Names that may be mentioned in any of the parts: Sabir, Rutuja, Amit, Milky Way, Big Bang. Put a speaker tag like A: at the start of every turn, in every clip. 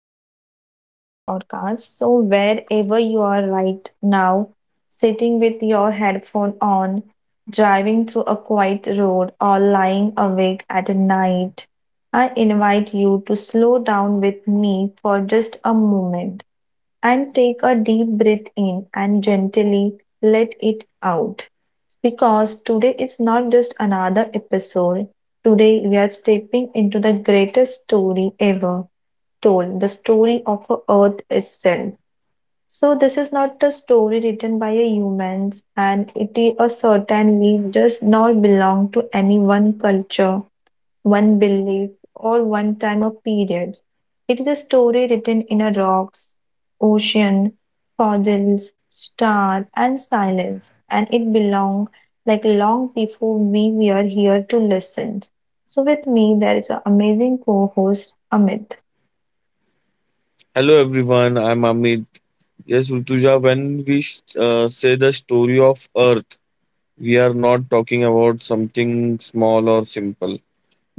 A: and welcome back to our podcast. So, wherever you are right now, sitting with your headphone on, driving through a quiet road, or lying awake at night, I invite you to slow down with me for just a moment and take a deep breath in and gently let it out. Because today it's not just another episode, today we are stepping into the greatest story ever told, the story of a Earth itself. So this is not a story written by a humans, and it is a certainly does not belong to any one culture, one belief, or one time or period. It is a story written in a rocks, ocean, fossils, star, and silence, and it belong like long before we were here to listen. So with me, there is an amazing co-host, Amit.
B: hello everyone. I'm Amit. Yes, Rutuja, when we say the story of Earth, we are not talking about something small or simple.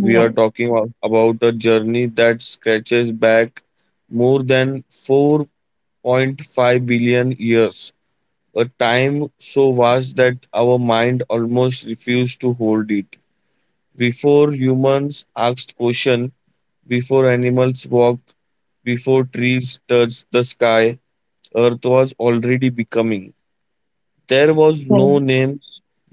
B: We are talking about a journey that stretches back more than 4.5 billion years, a time so vast that our mind almost refused to hold it. Before humans asked questions, before animals walked, before trees touched the sky, Earth was already becoming. There was no name,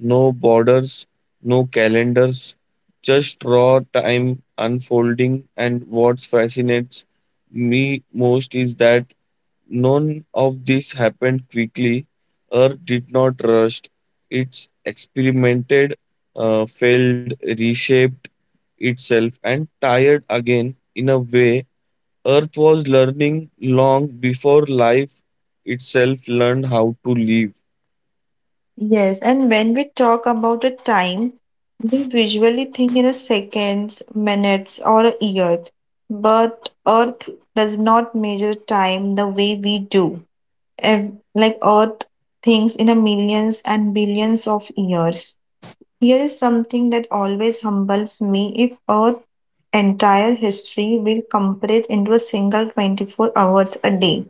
B: no borders, no calendars, just raw time unfolding. And what fascinates me most is that none of this happened quickly. Earth did not rush, it's experimented, failed, reshaped itself, and tired again in a way Earth was learning long before life itself learned how to live.
A: Yes, and when we talk about a time, we usually think in a seconds, minutes, or a years. But Earth does not measure time the way we do. And like Earth thinks in a millions and billions of years. Here is something that always humbles me. If Earth entire history will compress into a single 24 hours a day.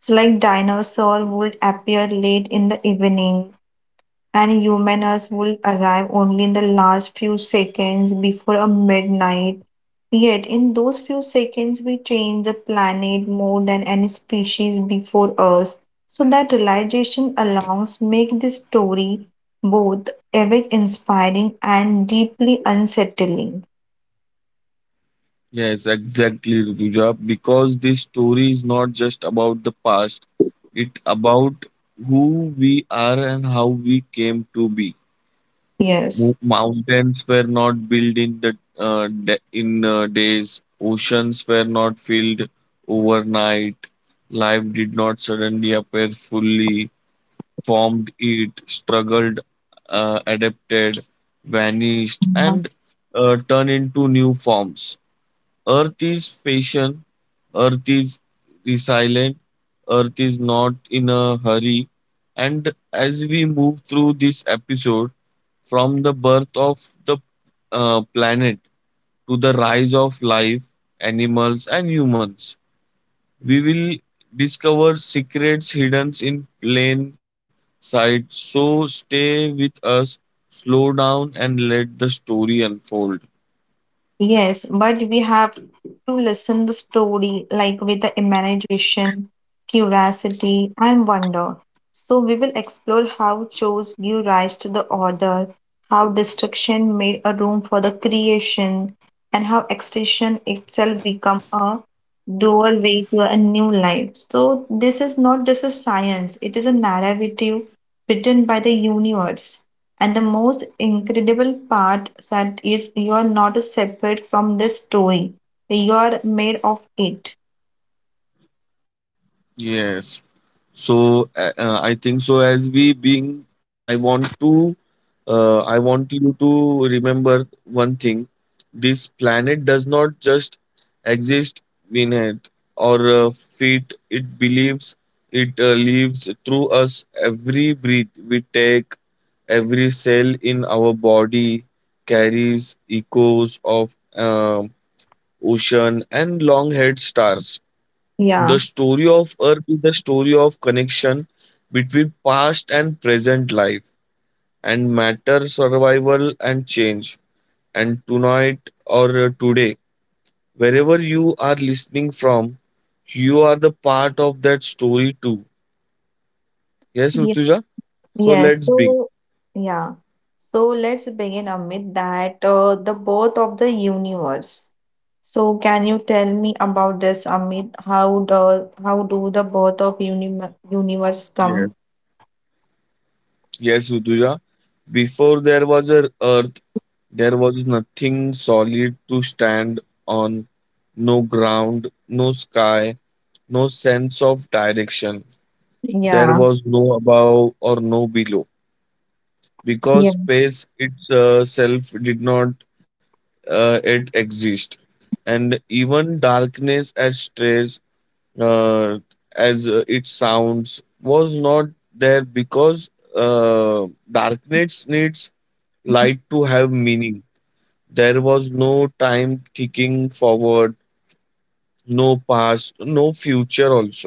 A: So like dinosaur would appear late in the evening and humans will arrive only in the last few seconds before a midnight. Yet, in those few seconds, we change the planet more than any species before us. So that realization allows make this story both epic inspiring and deeply unsettling.
B: Yes, exactly, Rutuja. Because this story is not just about the past, it's about who we are and how we came to be.
A: Yes.
B: Mountains were not built in the de- in days. Oceans were not filled overnight. Life did not suddenly appear fully formed it, struggled, adapted, vanished, and turned into new forms. Earth is patient, Earth is resilient, Earth is not in a hurry. And as we move through this episode, from the birth of the planet to the rise of life, animals, and humans, we will discover secrets hidden in plain sight. So stay with us, slow down, and let the story unfold.
A: Yes, but we have to listen the story like with the imagination, curiosity, and wonder. So we will explore how chores give rise to the order, how destruction made a room for the creation, and how extinction itself become a doorway to a new life. So this is not just a science; it is a narrative written by the universe. And the most incredible part that is you are not separate from the story. You are made of it.
B: Yes. So I think so as we being I want to I want you to remember one thing. This planet does not just exist in it or fit it believes it lives through us, every breath we take, every cell in our body carries echoes of ocean and long-haired stars. The story
A: Yeah.
B: of Earth is the story of connection between past and present, life and matter, survival and change. And tonight or today, wherever you are listening from, you are the part of that story too. Yes,
A: Yeah.
B: Rutuja? So
A: Yes.
B: let's begin.
A: So yeah. So let's begin, Amit, that the birth of the universe. So can you tell me about this, Amit? How do the birth of universe
B: Yes.
A: come?
B: Yes, Rutuja. Before there was a earth, there was nothing solid to stand on, no ground, no sky, no sense of direction. There
A: Yeah.
B: was no above or no below because space itself did not yet exist, and even darkness, as strange uh, as it sounds, was not there because darkness needs light to have meaning. There was no time ticking forward, no past, no future also.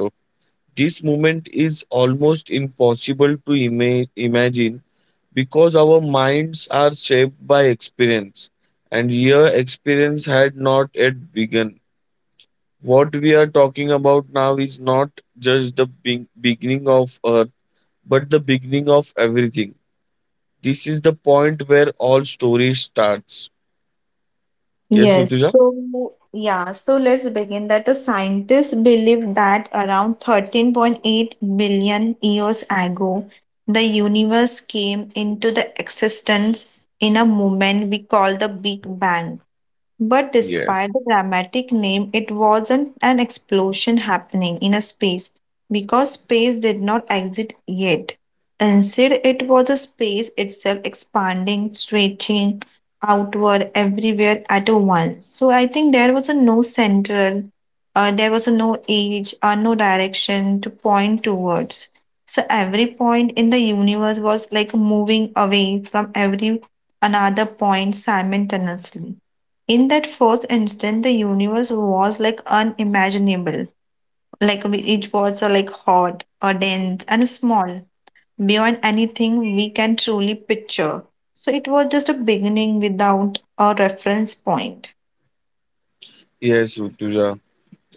B: This movement is almost impossible to imagine because our minds are shaped by experience, and your experience had not yet begun. What we are talking about now is not just the beginning of Earth, but the beginning of everything. This is the point where all story starts. Yes,
A: Yes.
B: Utuja?
A: So, yeah, so let's begin that the scientists believe that around 13.8 billion years ago, the universe came into the existence in a moment we call the Big Bang. But
B: Yes.
A: despite the dramatic name, it wasn't an explosion happening in a space because space did not exist yet. Instead, it was a space itself expanding, stretching outward everywhere at once. So I think there was a no central, there was a no age or no direction to point towards. So every point in the universe was like moving away from every another point simultaneously. In that first instant the universe was like unimaginable, like it was like hot or dense and small beyond anything we can truly picture. So it was just a beginning without a reference point.
B: Yes, Utuja.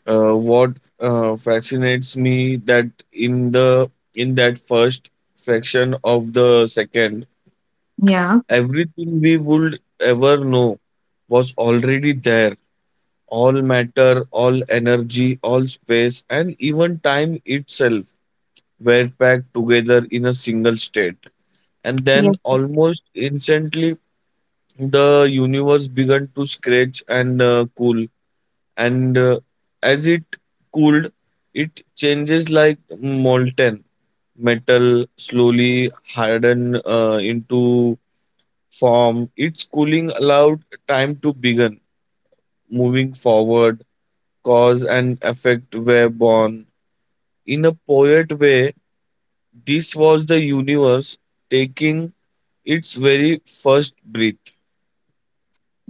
B: What fascinates me that in that first fraction of the second,
A: Yeah.
B: everything we would ever know was already there. All matter, all energy, all space, and even time itself were packed together in a single state. And
A: Yeah.
B: then, almost instantly, the universe began to scratch and cool, and as it cooled it changes like molten metal slowly harden into form. Its cooling allowed time to begin moving forward. Cause and effect were born. In a poet way, this was the universe taking its very first breath.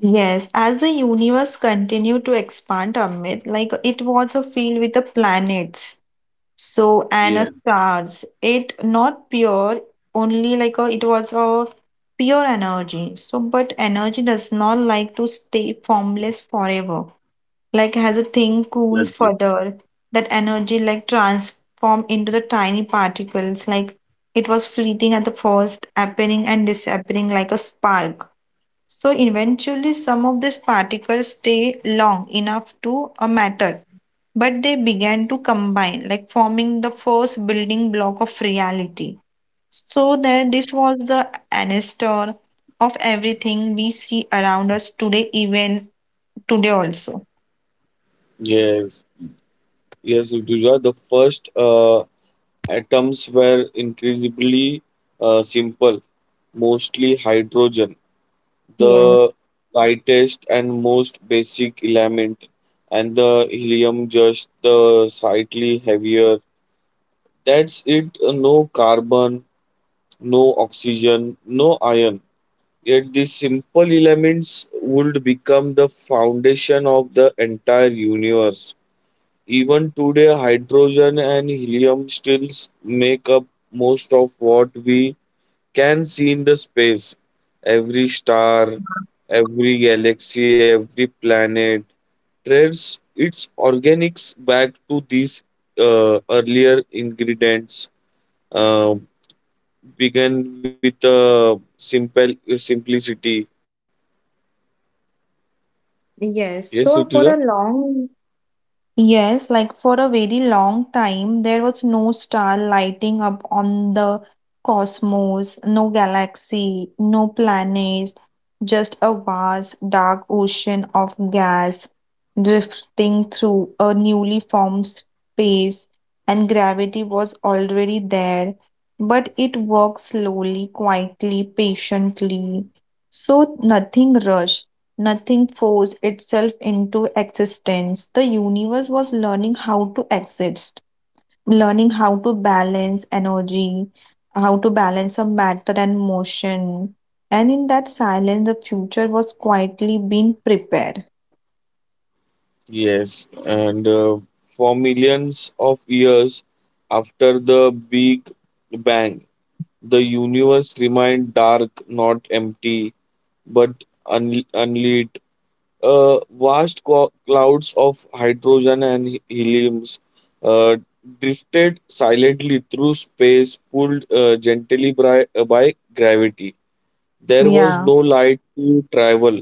A: Yes, as the universe continued to expand, Amit, like it was a filled with the planets. So
B: Yes,
A: Anna starts it not pure, only like a, it was a pure energy. So, but energy does not like to stay formless forever. Like has a thing cool
B: that's
A: further. That energy like transform into the tiny particles. Like it was fleeting at the first, appearing and disappearing like a spark. So eventually, some of these particles stay long enough to a matter but they began to combine, like forming the first building block of reality. So that this was the ancestor of everything we see around us today, even today also.
B: yes, yes, Rutuja, the first atoms were increasingly simple, mostly hydrogen,
A: Yes,
B: the lightest and most basic element, and the helium just the slightly heavier. That's it, no carbon, no oxygen, no iron. Yet these simple elements would become the foundation of the entire universe. Even today, hydrogen and helium still make up most of what we can see in the space, every star, every galaxy, every planet traces its organics back to these earlier ingredients. Uh, Began with simple simplicity. Yes,
A: yes.
B: Rituja?
A: So for a long Yes, like for a very long time, there was no star lighting up on the cosmos, no galaxy, no planets, just a vast, dark ocean of gas drifting through a newly formed space, and gravity was already there. But it worked slowly, quietly, patiently. So nothing rushed. Nothing forced itself into existence. The universe was learning how to exist, learning how to balance energy, how to balance of matter and motion. And in that silence, the future was quietly being prepared.
B: Yes, and for millions of years after the Big Bang, the universe remained dark, not empty, but unlit. Vast clouds of hydrogen and heliums uh, drifted silently through space, pulled gently by gravity. There was
A: Yeah.
B: no light to travel,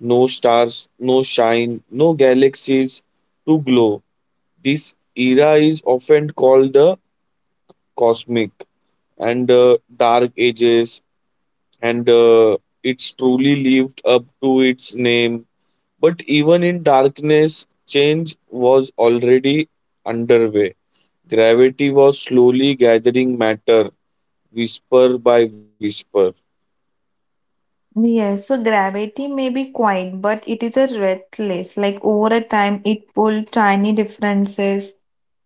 B: no stars, no shine, no galaxies to glow. This era is often called the cosmic and dark ages, and it's truly lived up to its name. But even in darkness, change was already underway. Gravity was slowly gathering matter, whisper by whisper.
A: Yes, so gravity may be quiet, but it is a restless. Like over a time, it pull tiny differences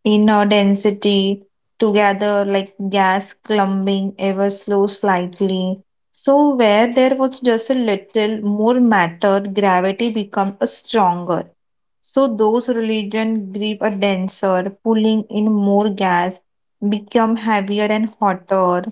A: in our density together, like gas clumping ever slow slightly. So where there was just a little more matter, gravity become a stronger. So those religion grip a denser, pulling in more gas, become heavier and hotter,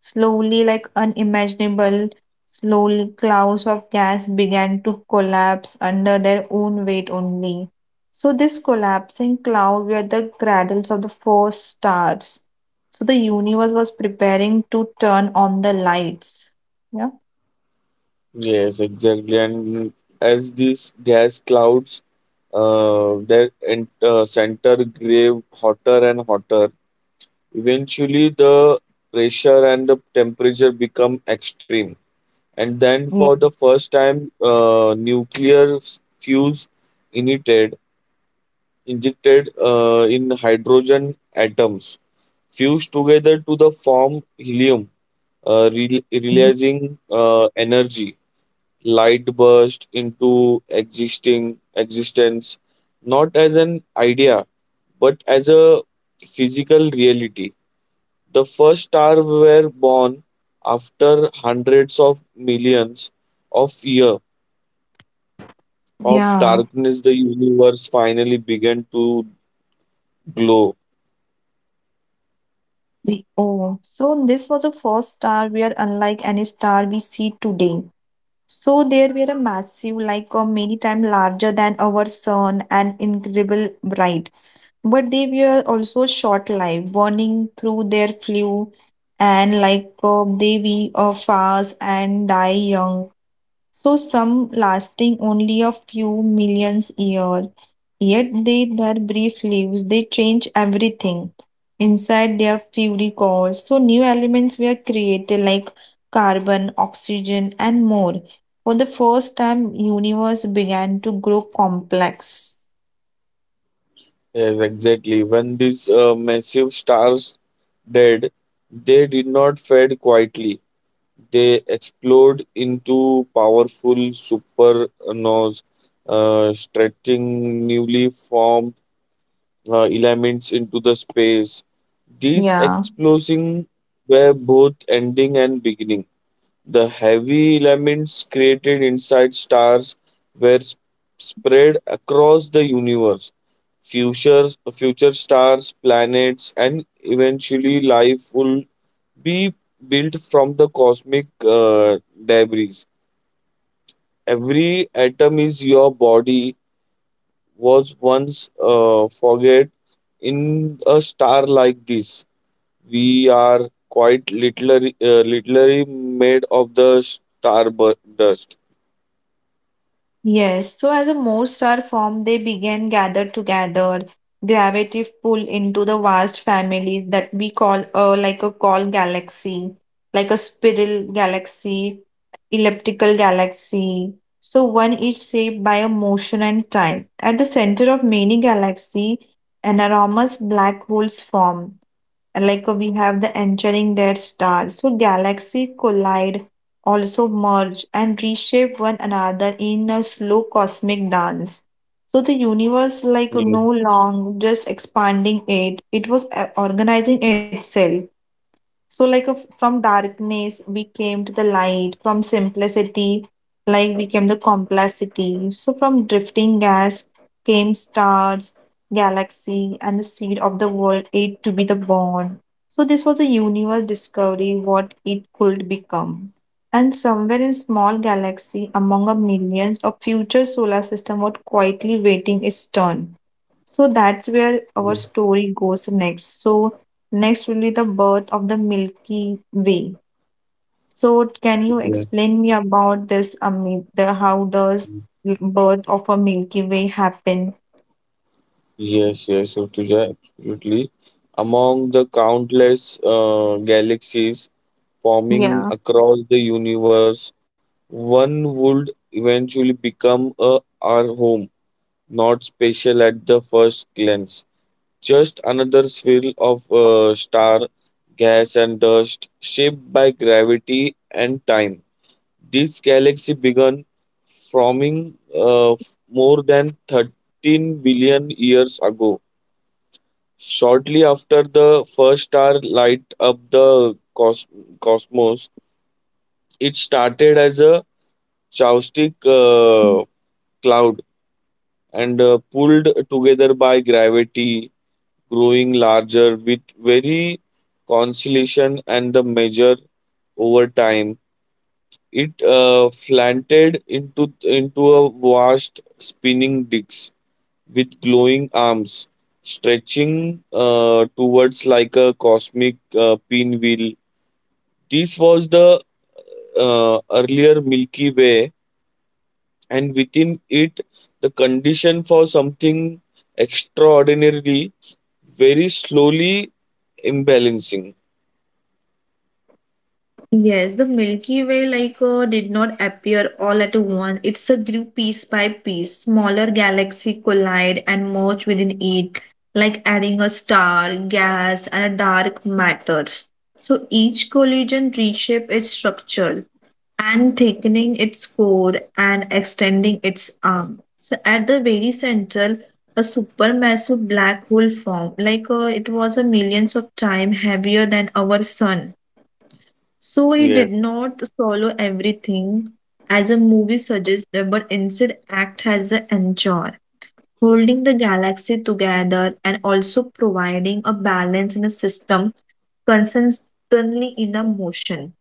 A: slowly like unimaginable. Slowly, clouds of gas began to collapse under their own weight only. So, this collapsing cloud were the cradles of the first stars. So, the universe was preparing to turn on the lights. Yeah.
B: Yes, exactly. And as these gas clouds center grave hotter and hotter, eventually the pressure and the temperature become extreme. And then, for
A: Yeah.
B: the first time, nuclear fuels ignited, injected in hydrogen atoms fused together to the form helium, releasing energy. Light burst into existing existence, not as an idea but as a physical reality. The first stars were born after hundreds of millions of years of
A: Yeah.
B: darkness. The universe finally began to glow.
A: The oh. So this was the first star where unlike any star we see today. So there were a massive, like a many times larger than our sun and incredible bright. But they were also short-lived, burning through their fuel and like they we fast and die young. So some lasting only a few millions year. Yet they their brief lives they change everything inside their fury cores. So new elements were created like carbon, oxygen, and more. For the first time, universe began to grow complex.
B: Yes, exactly. When these massive stars dead, they did not fade quietly. They explode into powerful supernovas, stretching newly formed elements into the space. These
A: Yeah.
B: explosions were both ending and beginning. The heavy elements created inside stars were spread across the universe. Future stars, planets, and eventually life will be built from the cosmic debris. Every atom is your body was once forget in a star like this. We are quite literally, literally made of the star dust.
A: Yes, so as a more star formed, they began gathered together. Gravity pull into the vast family that we call like a call galaxy, like a spiral galaxy, elliptical galaxy. So one is shaped by a motion and time. At the center of many galaxy, an enormous black holes form, like we have the entering their star. So galaxy collide, also merge and reshape one another in a slow cosmic dance. So the universe like
B: Yes,
A: no long just expanding it was organizing itself. So, like a, from darkness, we came to the light. From simplicity, like we came the complexity. So, from drifting gas came stars, galaxy, and the seed of the world, it to be the born. So, this was a universe discovering what it could become. And somewhere in small galaxy, among a millions, a future solar system was quietly waiting its turn. So that's where our story goes next. So next will be the birth of the Milky Way. So can you
B: yes,
A: explain me about this? I mean, the how does birth of a Milky Way happen?
B: yes, Rutuja, absolutely. Among the countless galaxies forming
A: Yeah.
B: across the universe, one would eventually become a, our home, not special at the first glance. Just another swirl of star, gas, and dust shaped by gravity and time. This galaxy began forming more than 13 billion years ago, shortly after the first star light up the cosmos. It started as a chaotic cloud and pulled together by gravity, growing larger with very constellation and the measure over time. It slanted into a vast spinning disc with glowing arms stretching towards like a cosmic pinwheel. This was the earlier Milky Way, and within it, the condition for something extraordinarily very slowly imbalancing.
A: Yes, the Milky Way like did not appear all at once. It's a grew piece by piece. Smaller galaxy collide and merge within it, like adding a star, gas, and a dark matter. So each collision reshape its structure and thickening its core and extending its arm. So at the very center, a supermassive black hole formed, like it was a millions of times heavier than our sun. So he did
B: Yes,
A: not swallow everything as a movie suggests, but instead act as an anchor, holding the galaxy together and also providing a balance in a system consistently in a motion.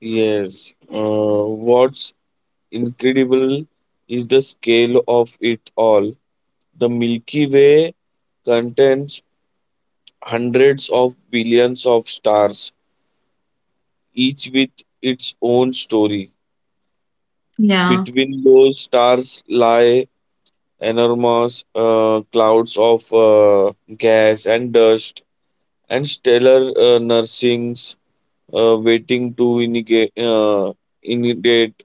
B: yes. What's incredible is the scale of it all. The Milky Way contains hundreds of billions of stars, each with its own story.
A: Yeah,
B: Between those stars lie enormous clouds of gas and dust and stellar nursings waiting to inundate.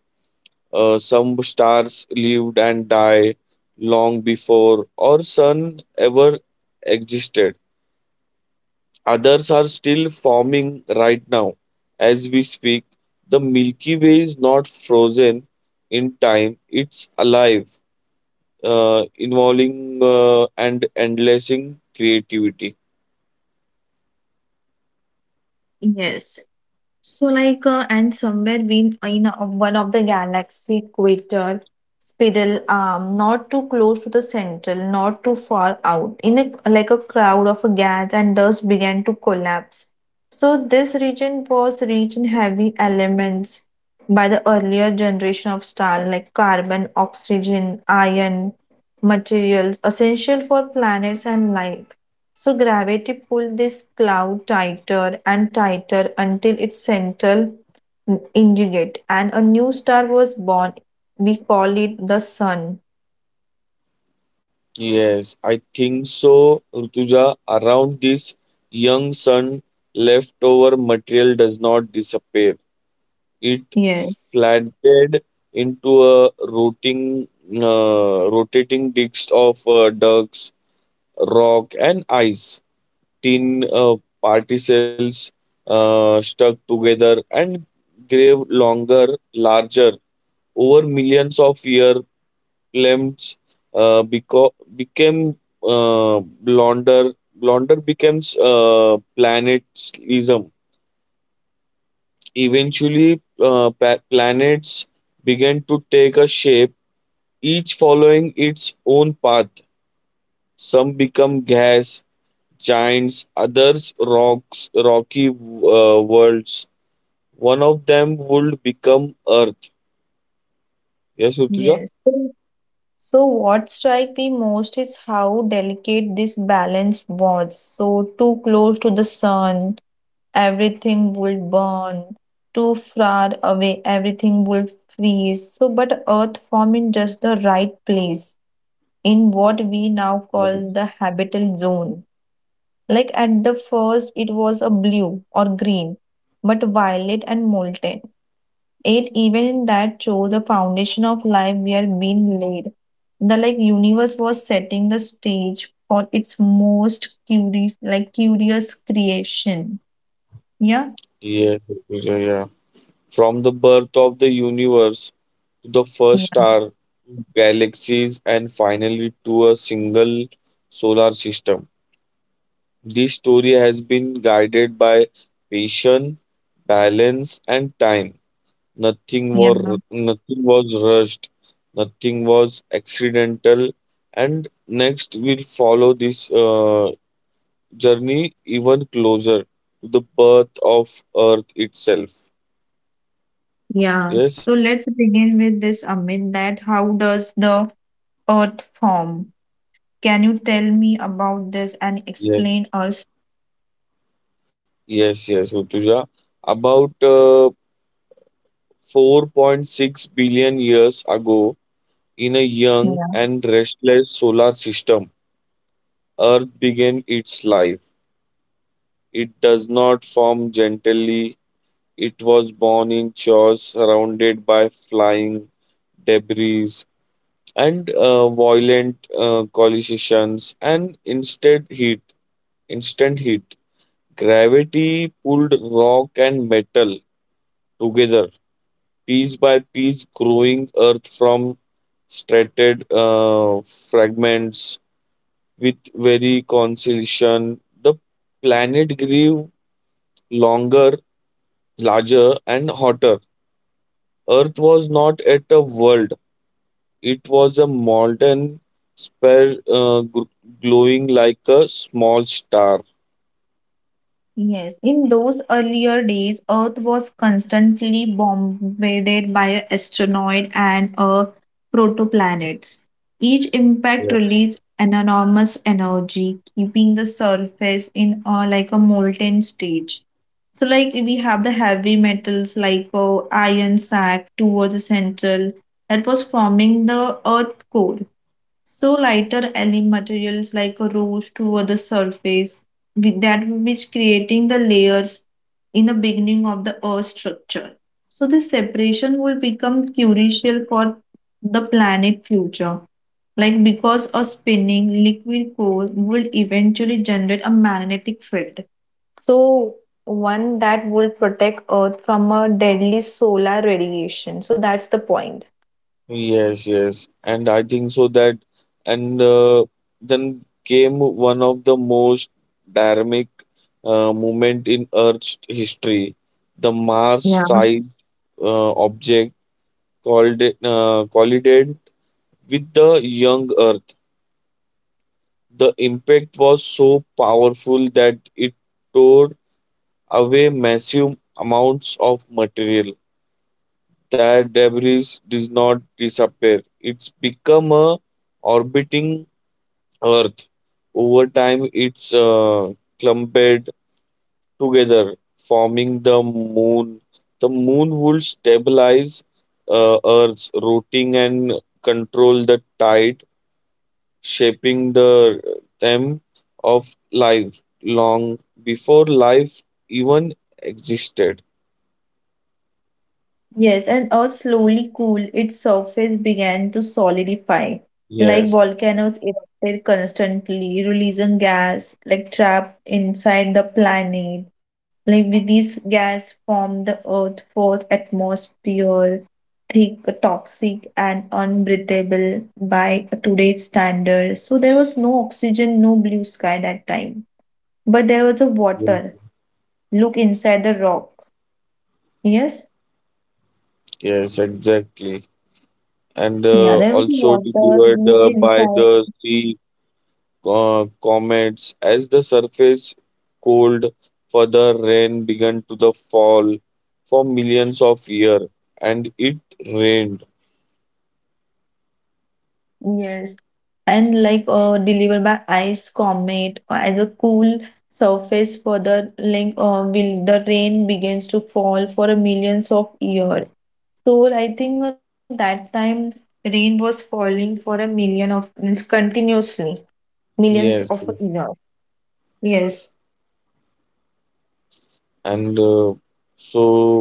B: Some stars lived and died long before our sun ever existed. Others are still forming right now as we speak. The Milky Way is not frozen in time, it's alive, involving and endlessing creativity.
A: yes. So, like, and somewhere we one of the galaxy equator spiral arm, not too close to the central, not too far out. In a like a cloud of gas and dust began to collapse. So, this region was rich in heavy elements by the earlier generation of star like carbon, oxygen, iron materials essential for planets and life. So gravity pulled this cloud tighter and tighter until its central ingot and a new star was born. We call it the sun.
B: Yes, I think so, Rutuja. Around this young sun, leftover material does not disappear. It
A: Yes,
B: flattened into a rotting, rotating disc of ducks, rock, and ice. Tin particles stuck together and grave longer, larger over millions of years. Clams became blonder. Blonder becomes planetism. Eventually, planets began to take a shape, each following its own path. Some become gas giants, others rocks, rocky worlds. One of them would become Earth. Yes, Utuja?
A: yes. So what strike me most is how delicate this balance was. So too close to the sun, everything would burn. Too far away, everything would freeze. So but Earth formed in just the right place in what we now call the habitat zone. Like at the first, it was a blue or green, but violet and molten. It even in that show, the foundation of life we are being laid. The like universe was setting the stage for its most curious, like curious creation. Yeah,
B: Yes, Utuja, yeah. From the birth of the universe to the first
A: yeah,
B: star, galaxies, and finally to a single solar system. This story has been guided by patience, balance, and time.
A: yeah,
B: Nothing was rushed, nothing was accidental, and next we'll follow this journey even closer to the birth of Earth itself.
A: yeah.
B: Yes,
A: So let's begin with this, Amit. That how does the earth form? Can you tell me about this and
B: yes,
A: explain us?
B: yes, Rutuja. About 4.6 billion years ago, in a young
A: Yeah.
B: and restless solar system, Earth began its life. It does not form gently. It was born in chaos, surrounded by flying debris and violent collisions, and instead heat. Instant heat. Gravity pulled rock and metal together, piece by piece, growing earth from stratified fragments with very conciliation. The planet grew longer, larger, and hotter. Earth was not at a world, it was a molten sphere glowing like a small star.
A: Yes, in those earlier days, Earth was constantly bombarded by asteroids and protoplanets. Each impact released an enormous energy, keeping the surface in like a molten stage. So, like we have the heavy metals like iron sack towards the central that was forming the Earth core. So lighter alien materials like rose toward the surface, with that which creating the layers in the beginning of the Earth structure. So this separation will become crucial for the planet future. Like because a spinning liquid core will eventually generate a magnetic field. So one that will protect Earth from a deadly solar radiation. So that's the point.
B: Yes, yes, and I think so that, and then came one of the most dynamic moment in Earth's history. The Mars side object called it, collided with the young Earth. The impact was so powerful that it tore away massive amounts of material. That debris did not disappear. It's become a orbiting Earth. Over time, it's clumped together, forming the moon. The moon would stabilize Earth's rotating and control the tide, shaping the theme of life long before life even existed.
A: Yes, and earth slowly cooled, its surface began to solidify. Like
B: Yes,
A: volcanoes erupted constantly, releasing gas like trapped inside the planet. Like with these gas formed the earth fourth atmosphere, thick, toxic, and unbreathable by today's standards. So there was no oxygen, no blue sky that time. But there was a water. Look inside the rock. Yes?
B: yes, exactly. And
A: Yeah, there was
B: also
A: water,
B: delivered
A: look
B: by
A: inside.
B: the sea comets. As the surface cooled further, rain began to the fall for millions of years, and it rained.
A: Yes, and like delivered by ice comet as a cool surface for the like will the rain begins to fall for a millions of years. So I think at that time rain was falling for a million of means continuously millions
B: Yes,
A: of years. Yes.
B: and so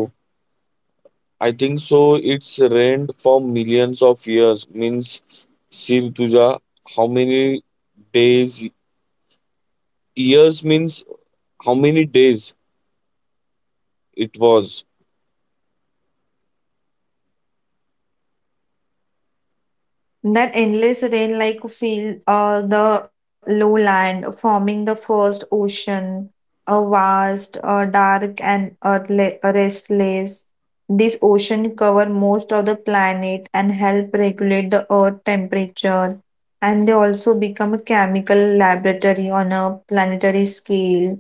B: I think so. It's rained for millions of years. Means, Sir Tuja, how many days? Years means how many days it was?
A: That endless rain like feel the lowland forming the first ocean, a vast, dark and earthly- restless. This ocean cover most of the planet and help regulate the earth temperature. And they also become a chemical laboratory on a planetary scale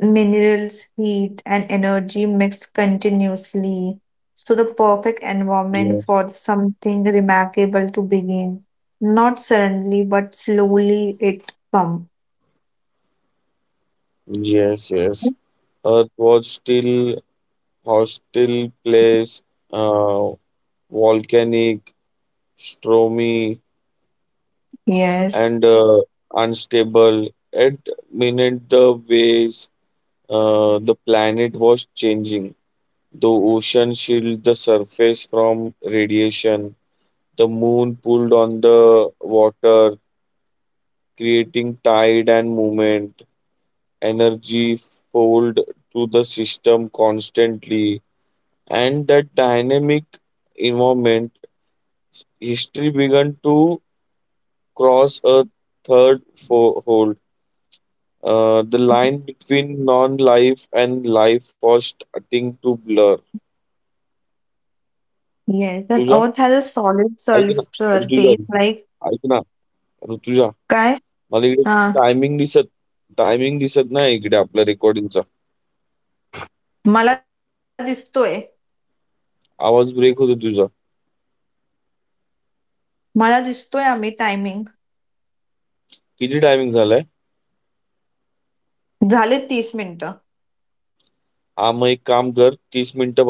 A: minerals, heat, and energy mix continuously. So, the perfect
B: Yes,
A: environment for something remarkable to begin. Not suddenly, but slowly it comes.
B: yes, yes. Earth was still Hostel Place, uh, volcanic, stormy,
A: Yes,
B: and unstable. At minute the waves, the planet was changing. The ocean shielded the surface from radiation. The moon pulled on the water, creating tide and movement. Energy fold to the system constantly, and that dynamic environment history began to cross a third fold. The line between non-life and life was starting to blur.
A: yes. The
B: Rutuja
A: earth has a solid
B: ऐक ना. Rutuja
A: surface. Like
B: ऐक ना. ऋतुजा
A: काय
B: मला इकडे
A: हा
B: timing दिसत. Timing दिसत नाही इकडे आपल्या रेकॉर्डिंगचा.
A: मला दिसतोय
B: आवाज ब्रेक होतो तुझा.
A: मला दिसतोय आम्ही टायमिंग
B: किती टायमिंग झालाय?
A: झाले तीस मिनिट
B: हा मग एक काम कर, तीस मिनिटं.